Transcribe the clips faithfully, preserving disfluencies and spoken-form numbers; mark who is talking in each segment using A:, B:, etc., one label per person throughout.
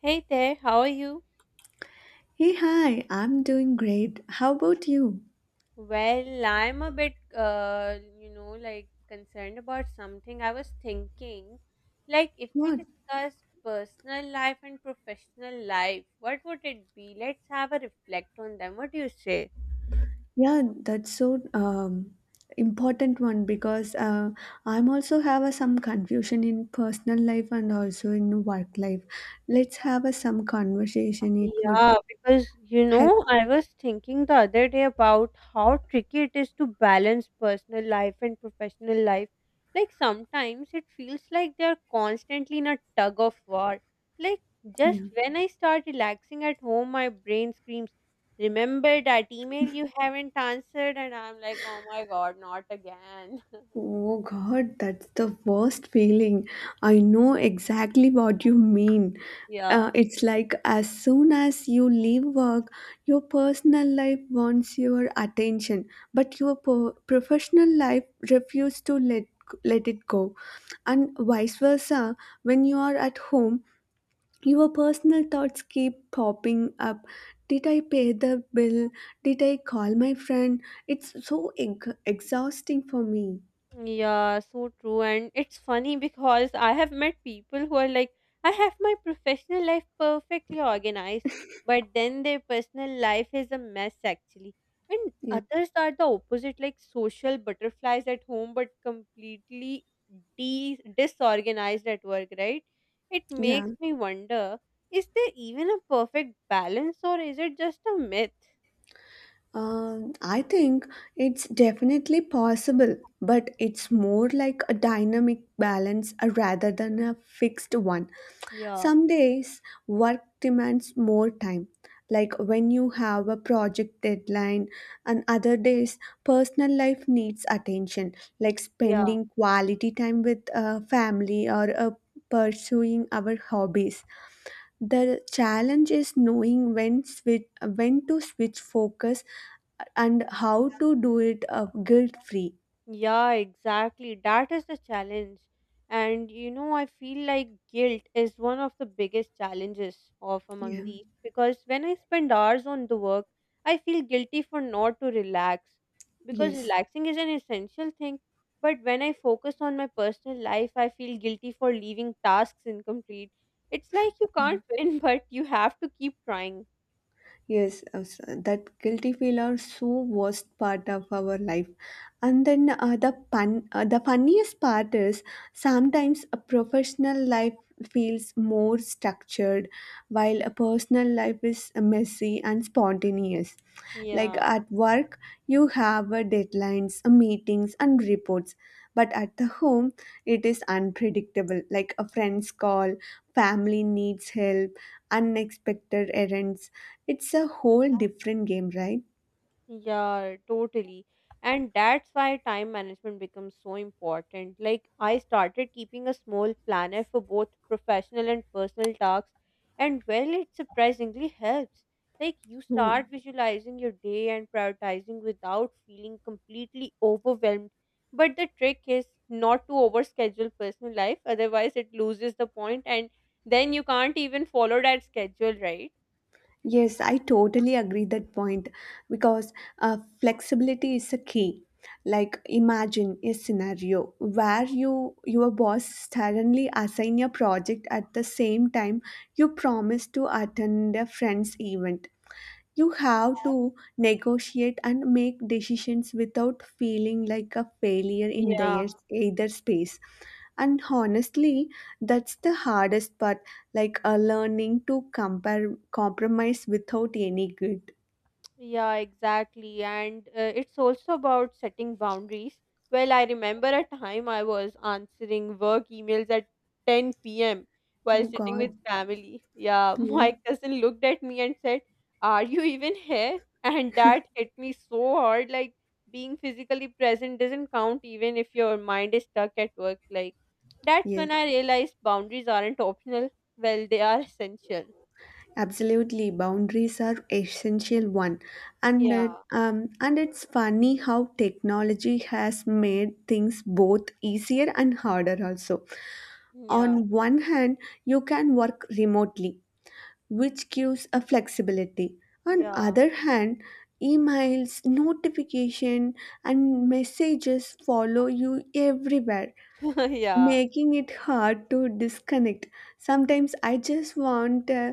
A: Hey there, how are you?
B: Hey, hi, I'm doing great. How about you?
A: Well, I'm a bit, uh, you know, like concerned about something. I was thinking, like, if we
B: What?
A: discuss personal life and professional life, what would it be? Let's have a reflect on them. What do you say?
B: Yeah, that's so um, important one because uh, I'm also have a, some confusion in personal life and also in work life. Let's have a, some conversation. It would be
A: Yeah, because you
B: help.
A: know, I was thinking the other day about how tricky it is to balance personal life and professional life. Like sometimes it feels like they're constantly in a tug of war. Like just
B: Yeah.
A: when I start relaxing at home, my brain screams, remember that email you haven't answered? And I'm like, oh my God, not again.
B: Oh God, that's the worst feeling. I know exactly what you mean. Uh,
A: Yeah.
B: it's like as soon as you leave work, your personal life wants your attention, but your po- professional life refuses to let let it go. And vice versa, when you are at home, your personal thoughts keep popping up. Did I pay the bill? Did I call my friend? It's so ex- exhausting for me.
A: Yeah, so true. And it's funny because I have met people who are like, I have my professional life perfectly organized, but then their personal life is a mess actually. And
B: Yeah.
A: others are the opposite, like social butterflies at home, but completely de- disorganized at work, right? It
B: Yeah,
A: makes me wonder, is there even a perfect balance or is it just a myth?
B: um, I think it's definitely possible, but it's more like a dynamic balance uh, rather than a fixed one.
A: Yeah.
B: Some days work demands more time, like when you have a project deadline, and other days personal life needs attention, like
A: Yeah.
B: spending quality time with uh, family or uh, pursuing our hobbies. The challenge is knowing when switch, when to switch focus and how to do it uh, guilt free.
A: Yeah, exactly. That is the challenge. And you know, I feel like guilt is one of the biggest challenges of among
B: Yeah.
A: these because when I spend hours on the work, I feel guilty for not to relax because
B: Yes.
A: relaxing is an essential thing. But when I focus on my personal life, I feel guilty for leaving tasks incomplete. It's like you can't win, but you have to keep trying.
B: Yes. uh, s- That guilty feel are so worst part of our life. And then uh, the pun uh, the funniest part is sometimes a professional life feels more structured while a personal life is messy and spontaneous. Like
A: Yeah.
B: at work, you have uh, deadlines, uh, meetings, and reports. But at the home, it is unpredictable, like a friend's call, family needs help, unexpected errands. It's a whole different game, right?
A: Yeah, totally. And that's why time management becomes so important. Like, I started keeping a small planner for both professional and personal tasks, and well, it surprisingly helps. Like, you
B: Hmm.
A: start visualizing your day and prioritizing without feeling completely overwhelmed. But the trick is not to overschedule personal life, otherwise, it loses the point, and then you can't even follow that schedule, right?
B: Yes, I totally agree that point because uh, flexibility is a key. Like imagine a scenario where you your boss suddenly assign your project at the same time you promise to attend a friend's event. You have to negotiate and make decisions without feeling like a failure in
A: Yeah.
B: their either space. And honestly, that's the hardest part, like a learning to compare compromise without any good.
A: Yeah, exactly. And uh, it's also about setting boundaries. Well, I remember a time I was answering work emails at ten p m while
B: Oh
A: sitting with
B: God.
A: family. Yeah,
B: Hmm.
A: my cousin looked at me and said, are you even here? And that hit me so hard. Like, being physically present doesn't count even if your mind is stuck at work. Like, that's
B: Yes,
A: when I realized boundaries aren't optional. Well, they are essential.
B: absolutely. Boundaries are essential one, and it-
A: Yeah,
B: um, and it's funny how technology has made things both easier and harder also.
A: yeah,
B: On one hand, you can work remotely, which gives a flexibility. On
A: yeah,
B: other hand, emails, notification and messages follow you everywhere,
A: yeah.
B: making it hard to disconnect. Sometimes I just want uh,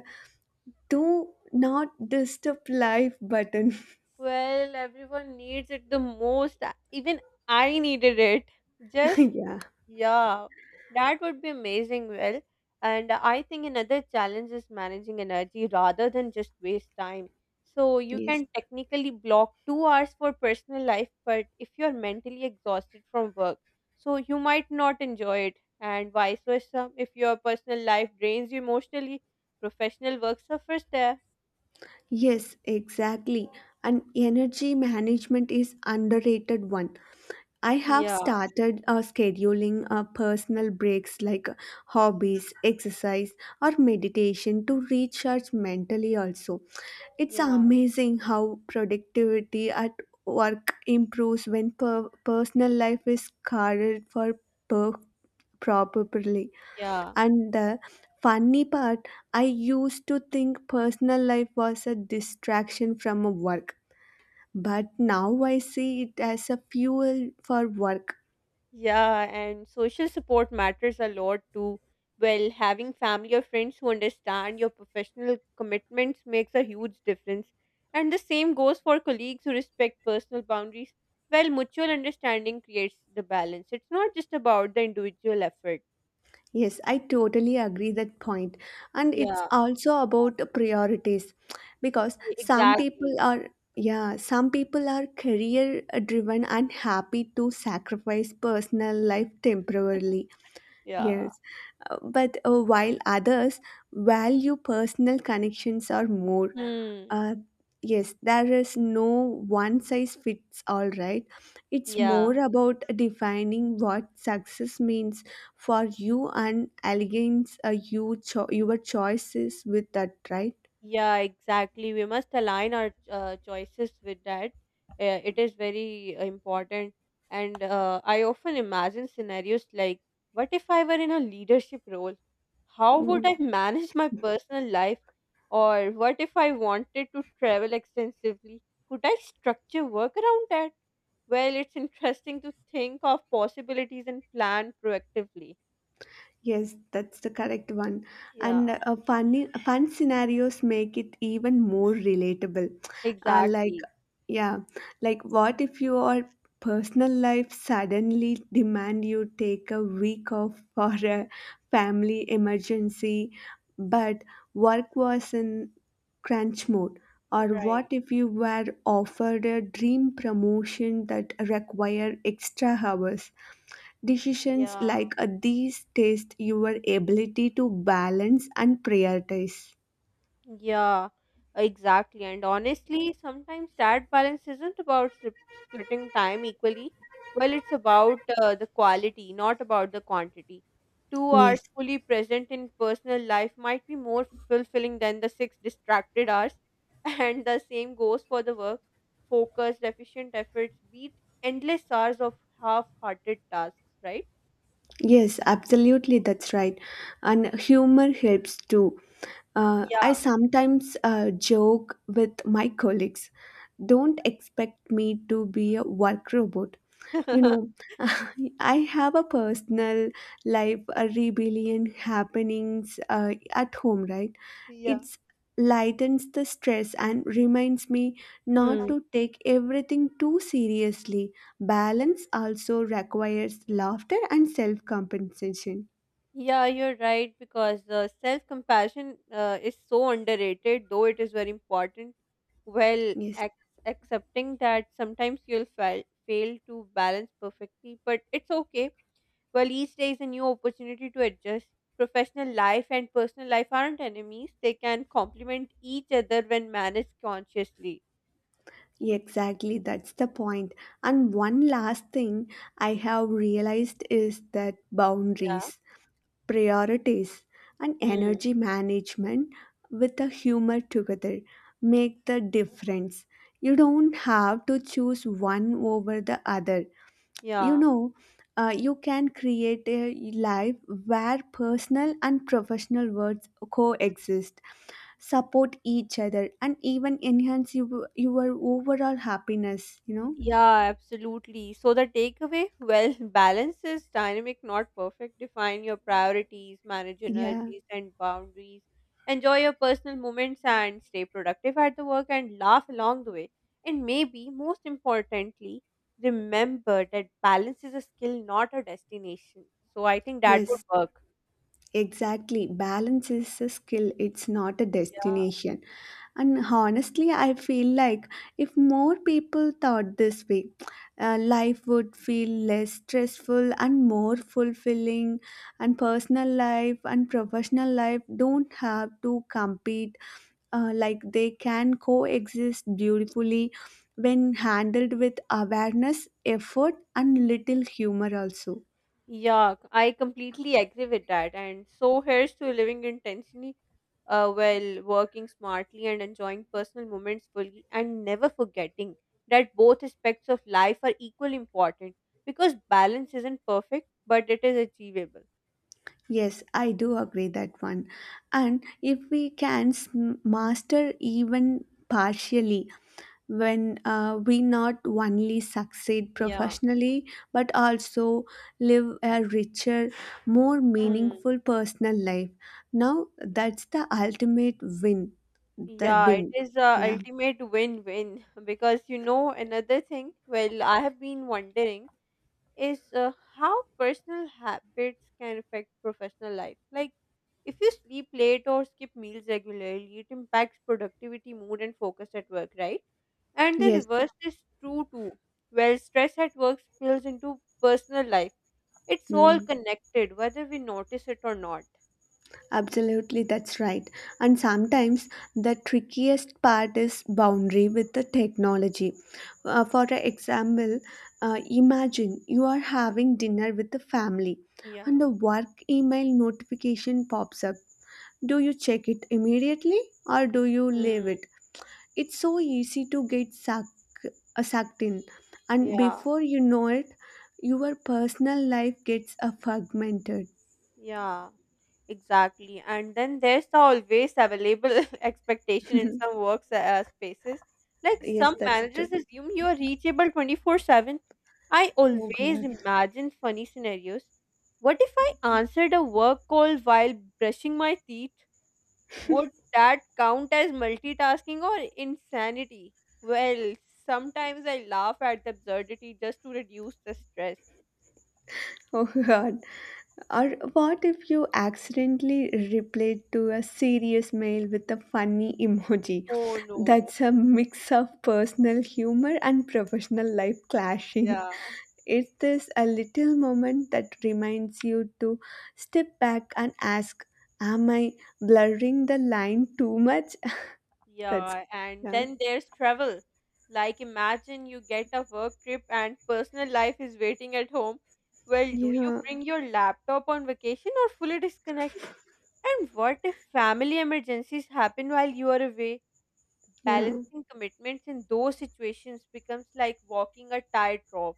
B: to not disturb life button.
A: Well, everyone needs it the most. Even I needed it. Just,
B: yeah.
A: yeah, that would be amazing. Well, and I think another challenge is managing energy rather than just waste time. So you
B: Yes.
A: can technically block two hours for personal life, but if you're mentally exhausted from work, so you might not enjoy it, and vice versa. If your personal life drains you emotionally, professional work suffers there.
B: Yes, exactly. And energy management is underrated one. I have
A: Yeah,
B: started uh, scheduling uh, personal breaks like hobbies, exercise, or meditation to recharge mentally also. It's
A: yeah,
B: amazing how productivity at work improves when per- personal life is cared for per- properly.
A: yeah.
B: And the funny part, I used to think personal life was a distraction from work. But now I see it as a fuel for work.
A: Yeah, and social support matters a lot too. Well, having family or friends who understand your professional commitments makes a huge difference. And the same goes for colleagues who respect personal boundaries. Well, mutual understanding creates the balance. It's not just about the individual effort.
B: Yes, I totally agree that point. And it's
A: Yeah,
B: also about priorities because
A: e-
B: some people
A: exactly.
B: are yeah, some people are career driven and happy to sacrifice personal life temporarily.
A: Yeah.
B: Yes. Uh, But uh, while others value personal connections or more.
A: Hmm.
B: uh, yes, there is no one size fits all, right? It's
A: Yeah.
B: more about defining what success means for you and aligns uh, you cho- your choices with that, right?
A: Yeah, exactly. We must align our uh, choices with that. Uh, it is very uh, important. And uh, I often imagine scenarios like, what if I were in a leadership role? How would
B: Mm.
A: I manage my personal life? Or what if I wanted to travel extensively? Could I structure work around that? Well, it's interesting to think of possibilities and plan proactively.
B: Yes, that's the correct one. And
A: Yeah,
B: uh, funny, fun scenarios make it even more relatable. Uh, like
A: exactly.
B: Yeah, like what if your personal life suddenly demand you take a week off for a family emergency, but work was in crunch mode? Or what
A: Right.
B: if you were offered a dream promotion that required extra hours? Decisions
A: Yeah.
B: like uh, these test your ability to balance and prioritize.
A: Yeah, exactly. And honestly, sometimes that balance isn't about sp- splitting time equally. Well, it's about uh, the quality, not about the quantity. Two hours
B: Yes.
A: fully present in personal life might be more fulfilling than the six distracted hours. And the same goes for the work. Focused, efficient efforts beat endless hours of half hearted tasks, right?
B: Yes, absolutely, that's right. And humor helps too. Uh, I
A: Yeah.
B: sometimes uh, joke with my colleagues. Don't expect me to be a work robot. You know, I have a personal life, a rebellion happenings uh, at home, right?
A: Yeah.
B: It's lightens the stress and reminds me not
A: Hmm.
B: to take everything too seriously. Balance also requires laughter and self compensation.
A: Yeah, you're right because uh, self compassion uh, is so underrated, though it is very important. Well,
B: Yes,
A: ac- accepting that sometimes you'll fail, fail to balance perfectly, but it's okay. Well, each day is a new opportunity to adjust. Professional life and personal life aren't enemies, they can complement each other when managed consciously.
B: exactly. That's the point. And one last thing I have realized is that
A: Yeah.
B: boundaries, priorities, and
A: Hmm.
B: energy management with a humor together make the difference. You don't have to choose one over the other. you
A: Yeah.
B: know uh, you can create a life where personal and professional worlds coexist, support each other and even enhance your, your overall happiness, you know.
A: Yeah, absolutely. So the takeaway, well, balance is dynamic, not perfect. Define your priorities, manage
B: Yeah.
A: energies and boundaries, enjoy your personal moments and stay productive at the work and laugh along the way. And maybe most importantly, remember that balance is a skill, not a destination. So I think that would
B: Yes.
A: work.
B: Exactly. Balance is a skill, it's not a
A: Yeah.
B: destination. And honestly, I feel like if more people thought this way, uh, life would feel less stressful and more fulfilling. And personal life and professional life don't have to compete, uh, like they can coexist beautifully when handled with awareness, effort, and little humor, also.
A: Yeah, I completely agree with that. And so here's to living intentionally, uh, while working smartly and enjoying personal moments fully and never forgetting that both aspects of life are equally important because balance isn't perfect, but it is achievable.
B: Yes, I do agree that one. And if we can s- master even partially, when uh, we not only succeed
A: Yeah.
B: professionally but also live a richer, more
A: Hmm.
B: meaningful personal life. Now that's the ultimate win. The
A: Yeah, it
B: win.
A: is a
B: Yeah.
A: ultimate win-win because you know another thing, well, I have been wondering is uh, how personal habits can affect professional life. Like, if you sleep late or skip meals regularly, it impacts productivity, mood, and focus at work, right? And the
B: Yes.
A: reverse is true too. Well, stress at work spills into personal life. It's all
B: Mm.
A: connected, whether we notice it or not.
B: Absolutely, that's right. And sometimes the trickiest part is boundary with the technology. Uh, for example, uh, imagine you are having dinner with the family and
A: Yeah.
B: the work email notification pops up. Do you check it immediately or do you leave
A: Mm.
B: it? It's so easy to get sucked, uh, sucked in, and
A: Yeah,
B: before you know it, your personal life gets uh, fragmented.
A: yeah. Exactly. And then there's the always available expectation in some works uh, spaces. Like
B: Yes,
A: some
B: that's true.
A: managers assume you are reachable twenty four seven. I always
B: Oh, God.
A: imagine funny scenarios. What if I answered a work call while brushing my teeth? Would that count as multitasking or insanity? Well, sometimes I laugh at the absurdity just to reduce the stress.
B: Oh God. Or what if you accidentally replied to a serious mail with a funny emoji?
A: Oh no.
B: That's a mix of personal humor and professional life clashing.
A: Yeah.
B: It's a little moment that reminds you to step back and ask, am I blurring the line too much? That's
A: Yeah, and
B: yeah.
A: then there's travel. Like, imagine you get a work trip and personal life is waiting at home. Well, do you
B: Yeah,
A: bring your laptop on vacation or fully disconnect? And what if family emergencies happen while you are away?
B: yeah.
A: Balancing commitments in those situations becomes like walking a tightrope.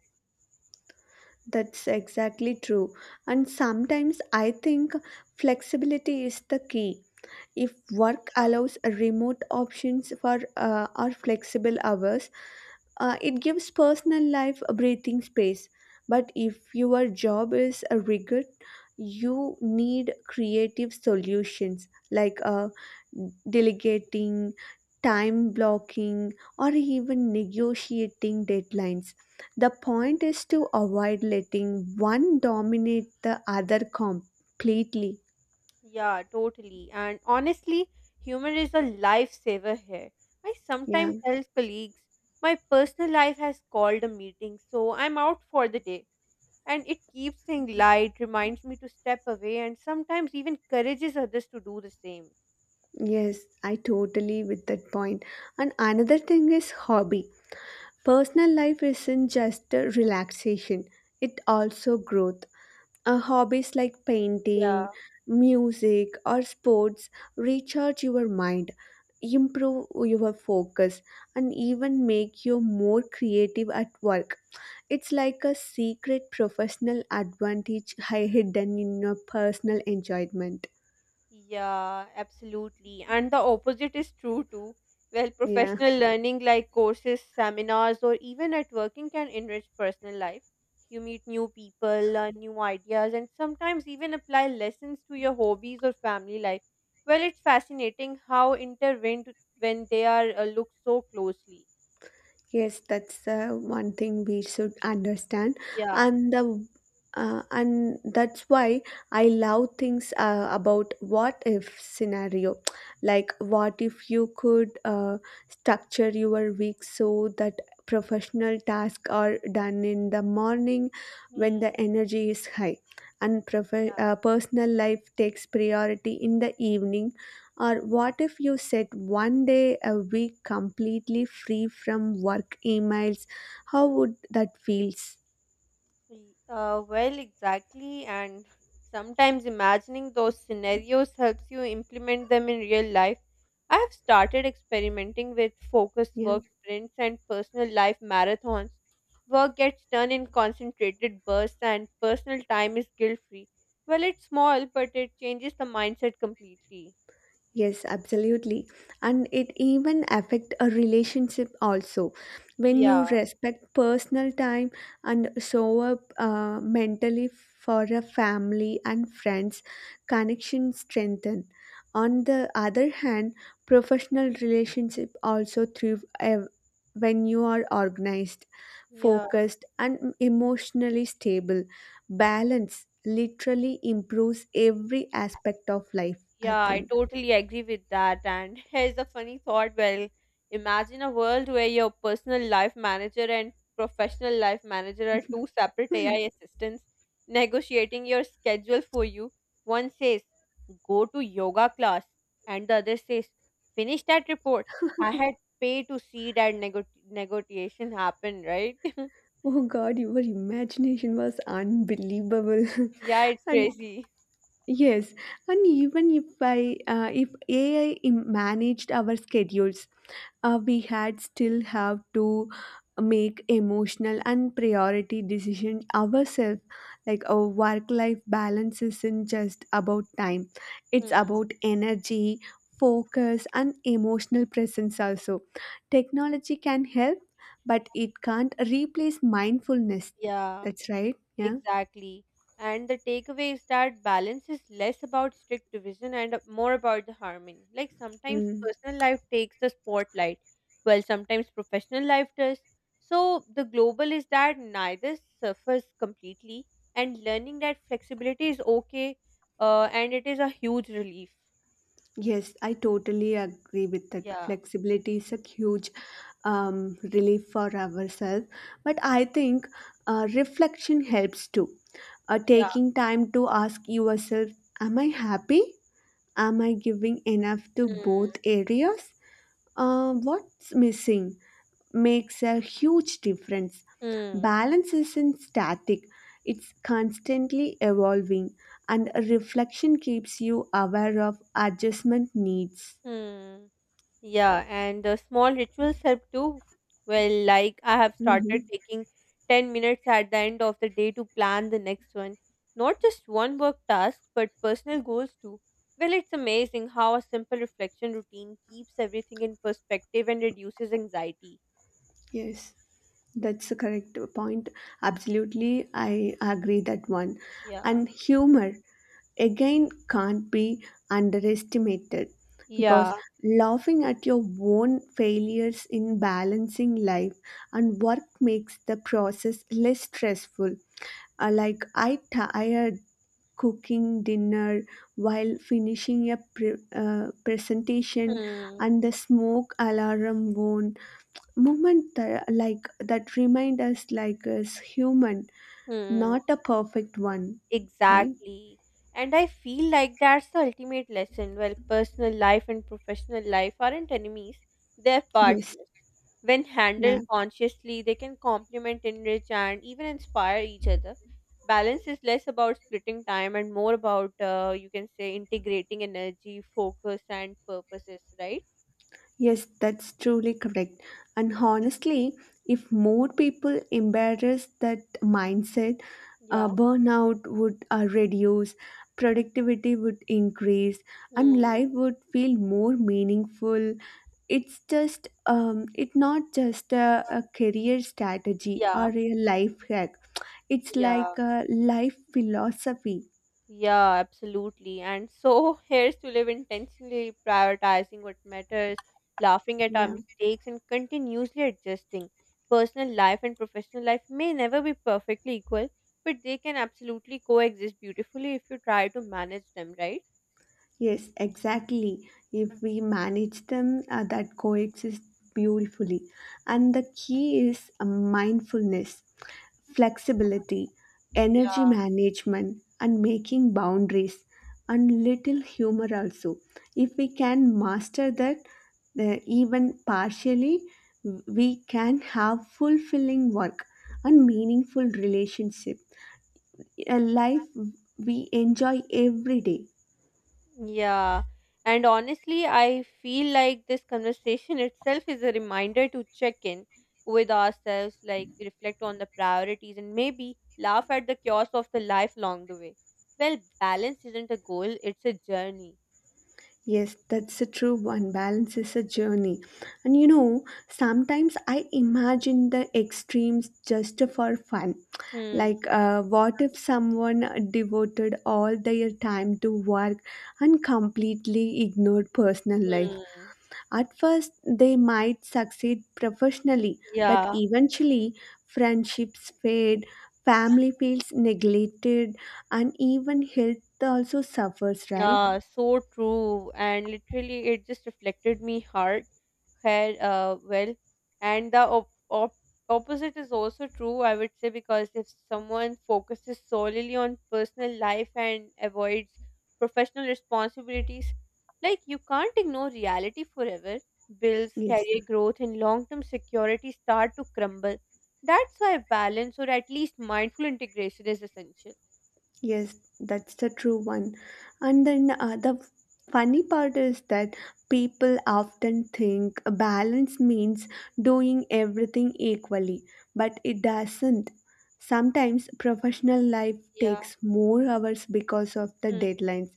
B: That's exactly true. And sometimes I think flexibility is the key. If work
A: Yeah.
B: allows remote options for uh, or flexible hours, uh, it gives personal life a breathing space. But if your job is a rigid, you need creative solutions like uh, delegating, time blocking, or even negotiating deadlines. The point is to avoid letting one dominate the other completely.
A: Yeah, totally. And honestly, humor is a lifesaver here. I
B: Yeah.
A: sometimes tell colleagues, my personal life has called a meeting, so I'm out for the day. And it keeps things light, reminds me to step away, and sometimes even encourages others to do the same.
B: Yes, I totally with that point. And another thing is hobby. Personal life isn't just a relaxation, it also growth. Uh, hobbies like
A: Yeah.
B: painting, music or sports recharge your mind, improve your focus and even make you more creative at work. It's like a secret professional advantage hi- hidden in your personal enjoyment.
A: Yeah, absolutely. And the opposite is true too. Well,
B: Yeah.
A: professional learning like courses, seminars, or even networking can enrich personal life. You meet new people, learn new ideas, and sometimes even apply lessons to your hobbies or family life. Well, it's fascinating how intertwined when they are uh, looked so closely.
B: Yes, that's uh, one thing we should understand,
A: Yeah.
B: and the uh, and that's why I love things uh, about what if scenario, like what if you could uh, structure your week so that professional tasks are done in the morning
A: Hmm.
B: when the energy is high, and prof-
A: Yeah.
B: uh, personal life takes priority in the evening? Or what if you set one day a week completely free from work emails? How would that feels?
A: Y- Uh, well, exactly. And sometimes imagining those scenarios helps you implement them in real life. I have started experimenting with focused
B: Yeah.
A: work sprints and personal life marathons. Work gets done in concentrated bursts, and personal time is guilt free. Well, it's small, but it changes the mindset completely.
B: Yes, absolutely. And it even affect a relationship also. When you
A: Yeah,
B: respect personal time and show up uh, mentally for a family and friends, connection strengthen. On the other hand, professional relationship also thrive uh, when you are organized,
A: yeah.
B: focused, and emotionally stable. Balance literally improves every aspect of life, I
A: Yeah, I
B: think.
A: totally agree with that. And here's a funny thought. Well, imagine a world where your personal life manager and professional life manager are two separate A I assistants negotiating your schedule for you. One says, go to yoga class, and the other says, finish that report. I had pay to see that nego- negotiation happen, right?
B: Oh God, your imagination was unbelievable.
A: Yeah, it's
B: And
A: crazy.
B: yes, and even if I, uh, if A I im- managed our schedules, uh, we had still have to make emotional and priority decision ourselves, like our work life balance isn't just about time, it's
A: Hmm.
B: about energy, focus and emotional presence also. Technology can help but it can't replace mindfulness.
A: Yeah.
B: That's right, yeah.
A: Exactly. And the takeaway is that balance is less about strict division and more about the harmony. Like sometimes
B: Mm.
A: personal life takes the spotlight, while sometimes professional life does. So the global is that neither suffers completely, and learning that flexibility is okay, uh, and it is a huge relief.
B: Yes, I totally agree with that.
A: Yeah.
B: Flexibility is a huge um, relief for ourselves. But I think uh, reflection helps too. Uh,
A: Yeah.
B: taking time to ask yourself, am I happy? Am I giving enough to
A: Hmm.
B: both areas? Uh, what's missing makes a huge difference.
A: Hmm.
B: Balance isn't static, it's constantly evolving, and reflection keeps you aware of adjustment needs.
A: Hmm. Yeah, and uh, small rituals help too. Well, like I have
B: Mhm.
A: started taking ten minutes at the end of the day to plan the next one. Not just one work task, but personal goals too. Well, it's amazing how a simple reflection routine keeps everything in perspective and reduces anxiety.
B: Yes. That's a correct point. Absolutely, I agree that one.
A: Yeah.
B: And humor again can't be underestimated
A: Yeah.
B: because laughing at your own failures in balancing life and work makes the process less stressful. Uh, like I tired cooking dinner while finishing a pre- uh, presentation
A: Hmm.
B: and the smoke alarm won. Moment that, like that remind us like is human,
A: Hmm.
B: not a perfect one, right?
A: Exactly. And I feel like that's the ultimate lesson. Well, personal life and professional life aren't enemies, they're
B: Yes.
A: partners. When
B: Yeah.
A: handled consciously, they can complement, enrich, and even inspire each other. Balance is less about splitting time and more about, uh, you can say, integrating energy, focus, and purposes, right?
B: Yes, that's truly correct. And honestly, if more people embrace that mindset, uh,
A: Yeah.
B: burnout would uh, reduce, productivity would increase, and life
A: Hmm.
B: would feel more meaningful. It's just um, it's not just a, a career strategy or
A: Yeah.
B: a life hack. It's like
A: Yeah.
B: a life philosophy.
A: Yeah, absolutely. And so here's to live intentionally prioritizing what matters, laughing at our
B: Yeah.
A: mistakes, and continuously adjusting. Personal life and professional life may never be perfectly equal, but they can absolutely coexist beautifully if you try to manage them, right?
B: Yes, exactly. If we manage them, uh, that coexist beautifully. And the key is uh, mindfulness, flexibility, energy
A: Yeah.
B: management, and making boundaries, and little humor also. If we can master that, uh, even partially, we can have fulfilling work and meaningful relationship. A life we enjoy every day.
A: Yeah. And honestly, I feel like this conversation itself is a reminder to check in with ourselves, like reflect on the priorities and maybe laugh at the chaos of the life along the way. Well, balance isn't a goal, it's a journey.
B: Yes, that's a true one. Balance is a journey. And you know, sometimes I imagine the extremes just for fun.
A: Hmm.
B: Like, uh, what if someone devoted all their time to work and completely ignored personal life?
A: Hmm.
B: At first, they might succeed professionally, but
A: Yeah.
B: eventually, friendships fade, family feels neglected, and even health also suffers, right?
A: Yeah. So true. And literally, it just reflected me hard. Hair uh, well and the op- op- opposite is also true, I would say, because if someone focuses solely on personal life and avoids professional responsibilities, like you can't ignore reality forever. Bills,
B: Yes,
A: career growth and long-term security start to crumble. That's why balance or at least mindful integration is essential.
B: yes, that's the true one. And then uh, the funny part is that people often think a balance means doing everything equally, but it doesn't. Sometimes professional life
A: Yeah.
B: takes more hours because of the deadlines,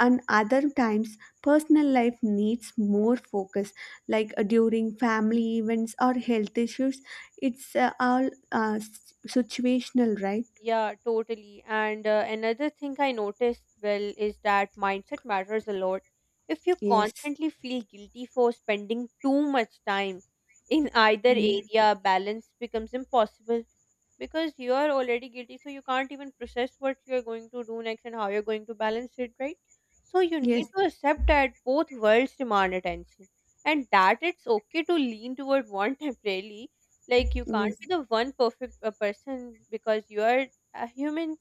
B: and other times personal life needs more focus, like uh, during family events or health issues. It's uh, all uh, s- situational, right?
A: Yeah, totally. And uh, another thing I noticed well is that mindset matters a lot. If you
B: Yes.
A: constantly feel guilty for spending too much time in either
B: Mm.
A: area, balance becomes impossible because you are already guilty, so you can't even process what you're going to do next and how you're going to balance it, right? So you need
B: Yes,
A: to accept that both worlds demand attention, and that it's okay to lean toward one temporarily. Like you
B: yes,
A: can't be the one perfect uh, person, because you are a human.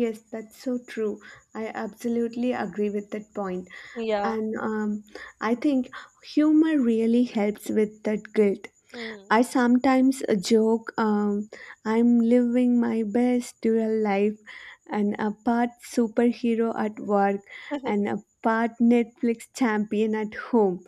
B: yes, that's so true. I absolutely agree with that point point.
A: Yeah.
B: And um, I think humor really helps with that guilt.
A: Hmm.
B: I sometimes uh, joke, um, I'm living my best dual life, and a part superhero at work, and a part Netflix champion at home.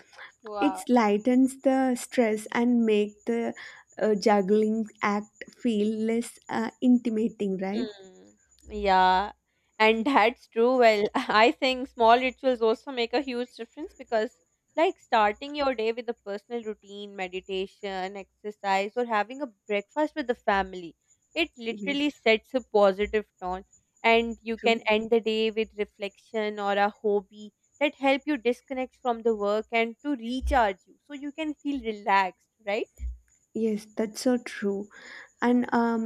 B: It
A: Wow.
B: lightens the stress and make the uh, juggling act feel less uh, intimidating, right?
A: Hmm. Yeah, and that's true. Well, I think small rituals also make a huge difference because, like, starting your day with a personal routine, meditation, exercise, or having a breakfast with the family, it
B: Yes,
A: literally sets a positive tone. And you
B: true.
A: can end the day with reflection or a hobby that help you disconnect from the work and to recharge you, so you can feel relaxed, right?
B: Yes, that's so true. and um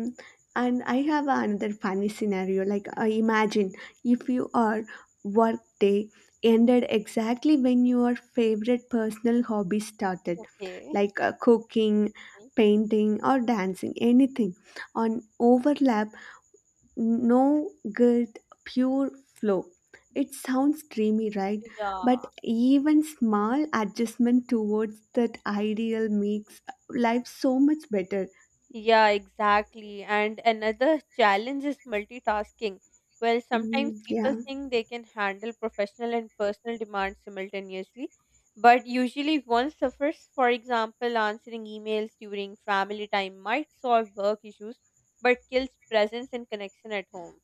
B: and I have another funny scenario, like uh, imagine if your work day ended exactly when your favorite personal hobby started,
A: Okay.
B: like uh, cooking,
A: Mhm.
B: painting or dancing, anything on overlap. No guilt, pure flow. It sounds dreamy, right? But
A: Yeah.
B: even small adjustment towards that ideal makes life so much better.
A: Yeah, exactly. And another challenge is multitasking. Well, sometimes
B: Mm, yeah.
A: people think they can handle professional and personal demands simultaneously, but usually one suffers. For example, answering emails during family time might solve work issues, but kills presence and connection at home.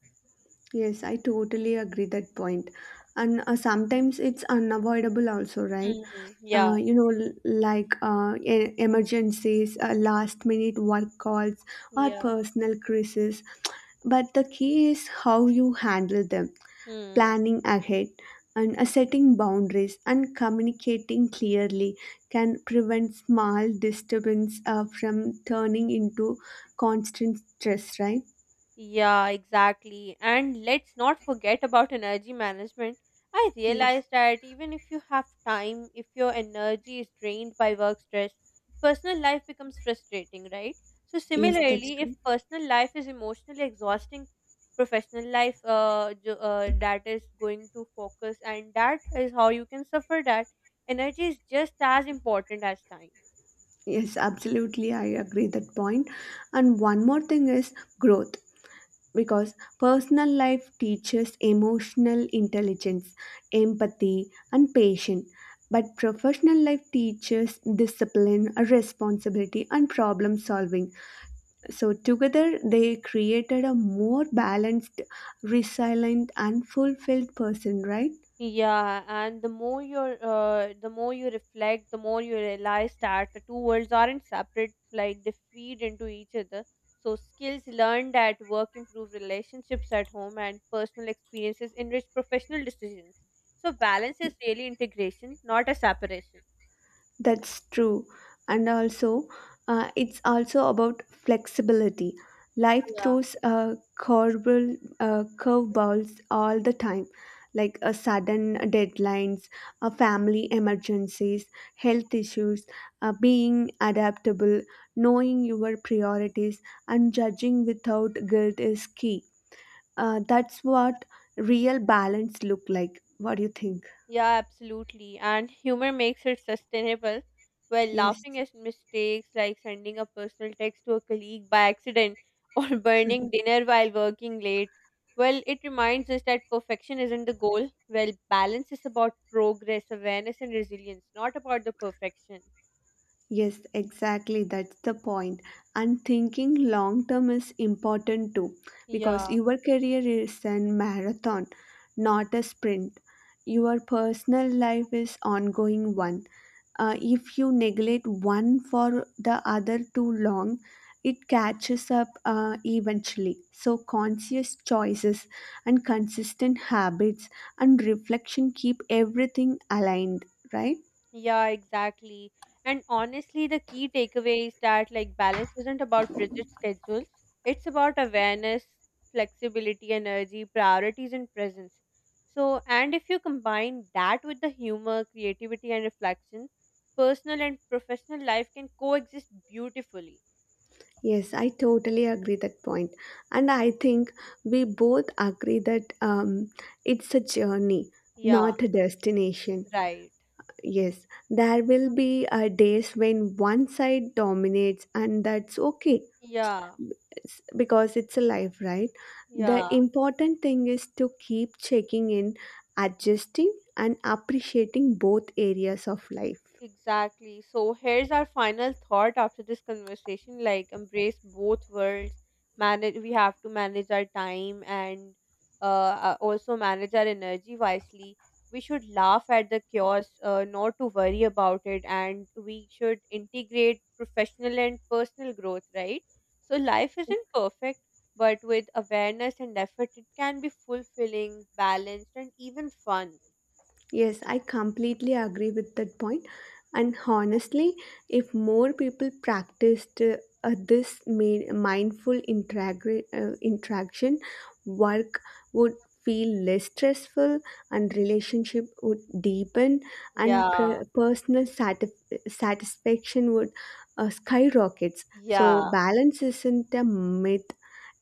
B: Yes, I totally agree that point. And uh, sometimes it's unavoidable also, right?
A: Hmm. Yeah.
B: Uh, you know, l- like uh, e- emergencies, uh, last minute work calls, or
A: Yeah.
B: personal crises. But the key is how you handle them,
A: Hmm.
B: planning ahead and uh, setting boundaries and communicating clearly can prevent small disturbance uh, from turning into constant stress, right?
A: Yeah, exactly. And let's not forget about energy management. I
B: Yes.
A: realized that even if you have time, if your energy is drained by work stress, personal life becomes frustrating, right? So,
B: Yes, that's
A: similarly,
B: true.
A: if personal life is emotionally exhausting, professional life uh, jo- uh, that is going to focus, and that is how you can suffer that. Energy is just as important as time.
B: Yes, absolutely. I agree that point. And one more thing is growth, because personal life teaches emotional intelligence, empathy, and patience. But professional life teaches discipline, responsibility, and problem solving. So together, they created a more balanced, resilient, and fulfilled person, right?
A: Yeah, and the more you're, uh, the more you reflect, the more you realize that the two worlds aren't separate; like they feed into each other. So skills learned at work improve relationships at home, and personal experiences enrich professional decisions. So balance is really integration, not a separation.
B: That's true. And also, uh, it's also about flexibility. Life
A: Yeah.
B: throws uh, curveball, uh, curveballs all the time, like a sudden deadlines, uh, family emergencies, health issues, uh, being adaptable, knowing your priorities, and judging without guilt is key. Uh, that's what real balance look like. What do you think?
A: Yeah, absolutely. And humor makes it sustainable. While
B: Yes.
A: laughing at mistakes like sending a personal text to a colleague by accident or burning dinner while working late, well, it reminds us that perfection isn't the goal. Well, balance is about progress, awareness, and resilience, not about the perfection.
B: Yes, exactly. That's the point. And thinking long term is important too, because
A: Yeah.
B: your career is a marathon, not a sprint. Your personal life is ongoing one. Uh, if you neglect one for the other too long, it catches up uh, eventually. So conscious choices and consistent habits and reflection keep everything aligned, right?
A: Yeah, exactly. And honestly, the key takeaway is that, like, balance isn't about rigid schedules. It's about awareness, flexibility, energy, priorities, and presence. So, and if you combine that with the humor, creativity, and reflection, personal and professional life can coexist beautifully.
B: Yes, I totally agree that point. And I think we both agree that um, it's a journey,
A: Yeah,
B: not a destination.
A: right.
B: Yes, there will be uh, days when one side dominates, and that's okay,
A: Yeah,
B: s- because it's a life, right? The
A: yeah.
B: important thing is to keep checking in, adjusting, and appreciating both areas of life.
A: Exactly. So here's our final thought after this conversation. Like, embrace both worlds. Manage. We have to manage our time and uh, uh, also manage our energy wisely. We should laugh at the chaos, uh, not to worry about it, and we should integrate professional and personal growth. Right. So life isn't perfect, but with awareness and effort, it can be fulfilling, balanced, and even fun.
B: Yes, I completely agree with that point. And honestly, if more people practiced uh, uh, this ma- mindful integra- uh, interaction, work would feel less stressful, and relationship would deepen, and
A: Yeah.
B: pr- personal satisf- satisfaction would uh, skyrockets. So
A: Yeah.
B: balance isn't a myth,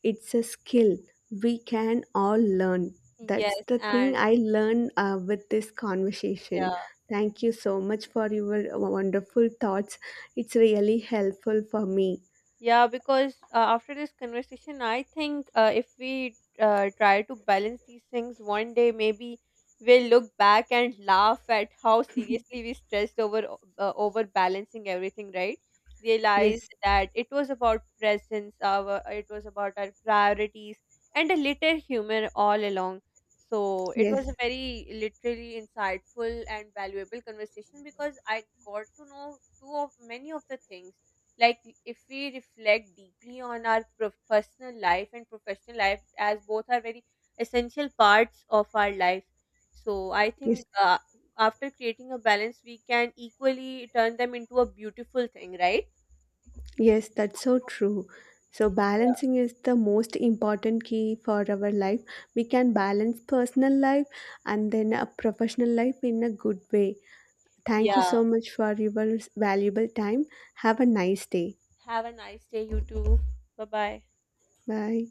B: it's a skill we can all learn. That's
A: Yes,
B: the thing
A: and
B: I learned uh, with this conversation.
A: yeah,
B: Thank you so much for your wonderful thoughts, it's really helpful for me.
A: yeah, because uh, after this conversation, I think uh, if we uh, try to balance these things one day, maybe we'll look back and laugh at how seriously we stressed over o- uh, over balancing everything, right? Realized
B: Yes,
A: that it was about presence, our it was about our priorities and a little humor all along. So it was a
B: yes,
A: very literally insightful and valuable conversation because I got to know too of many of the things, like if we reflect deeply on our prof- personal life and professional life, as both are very essential parts of our life. So I
B: yes,
A: think uh, after creating a balance we can equally turn them into a beautiful thing, right?
B: yes, that's so true. So
A: Yeah.
B: balancing is the most important key for our life. We can balance personal life and then a professional life in a good way. Thank you
A: Yeah.
B: so much for your valuable time. Have a nice day.
A: Have a nice day, you too. Bye bye.
B: Bye.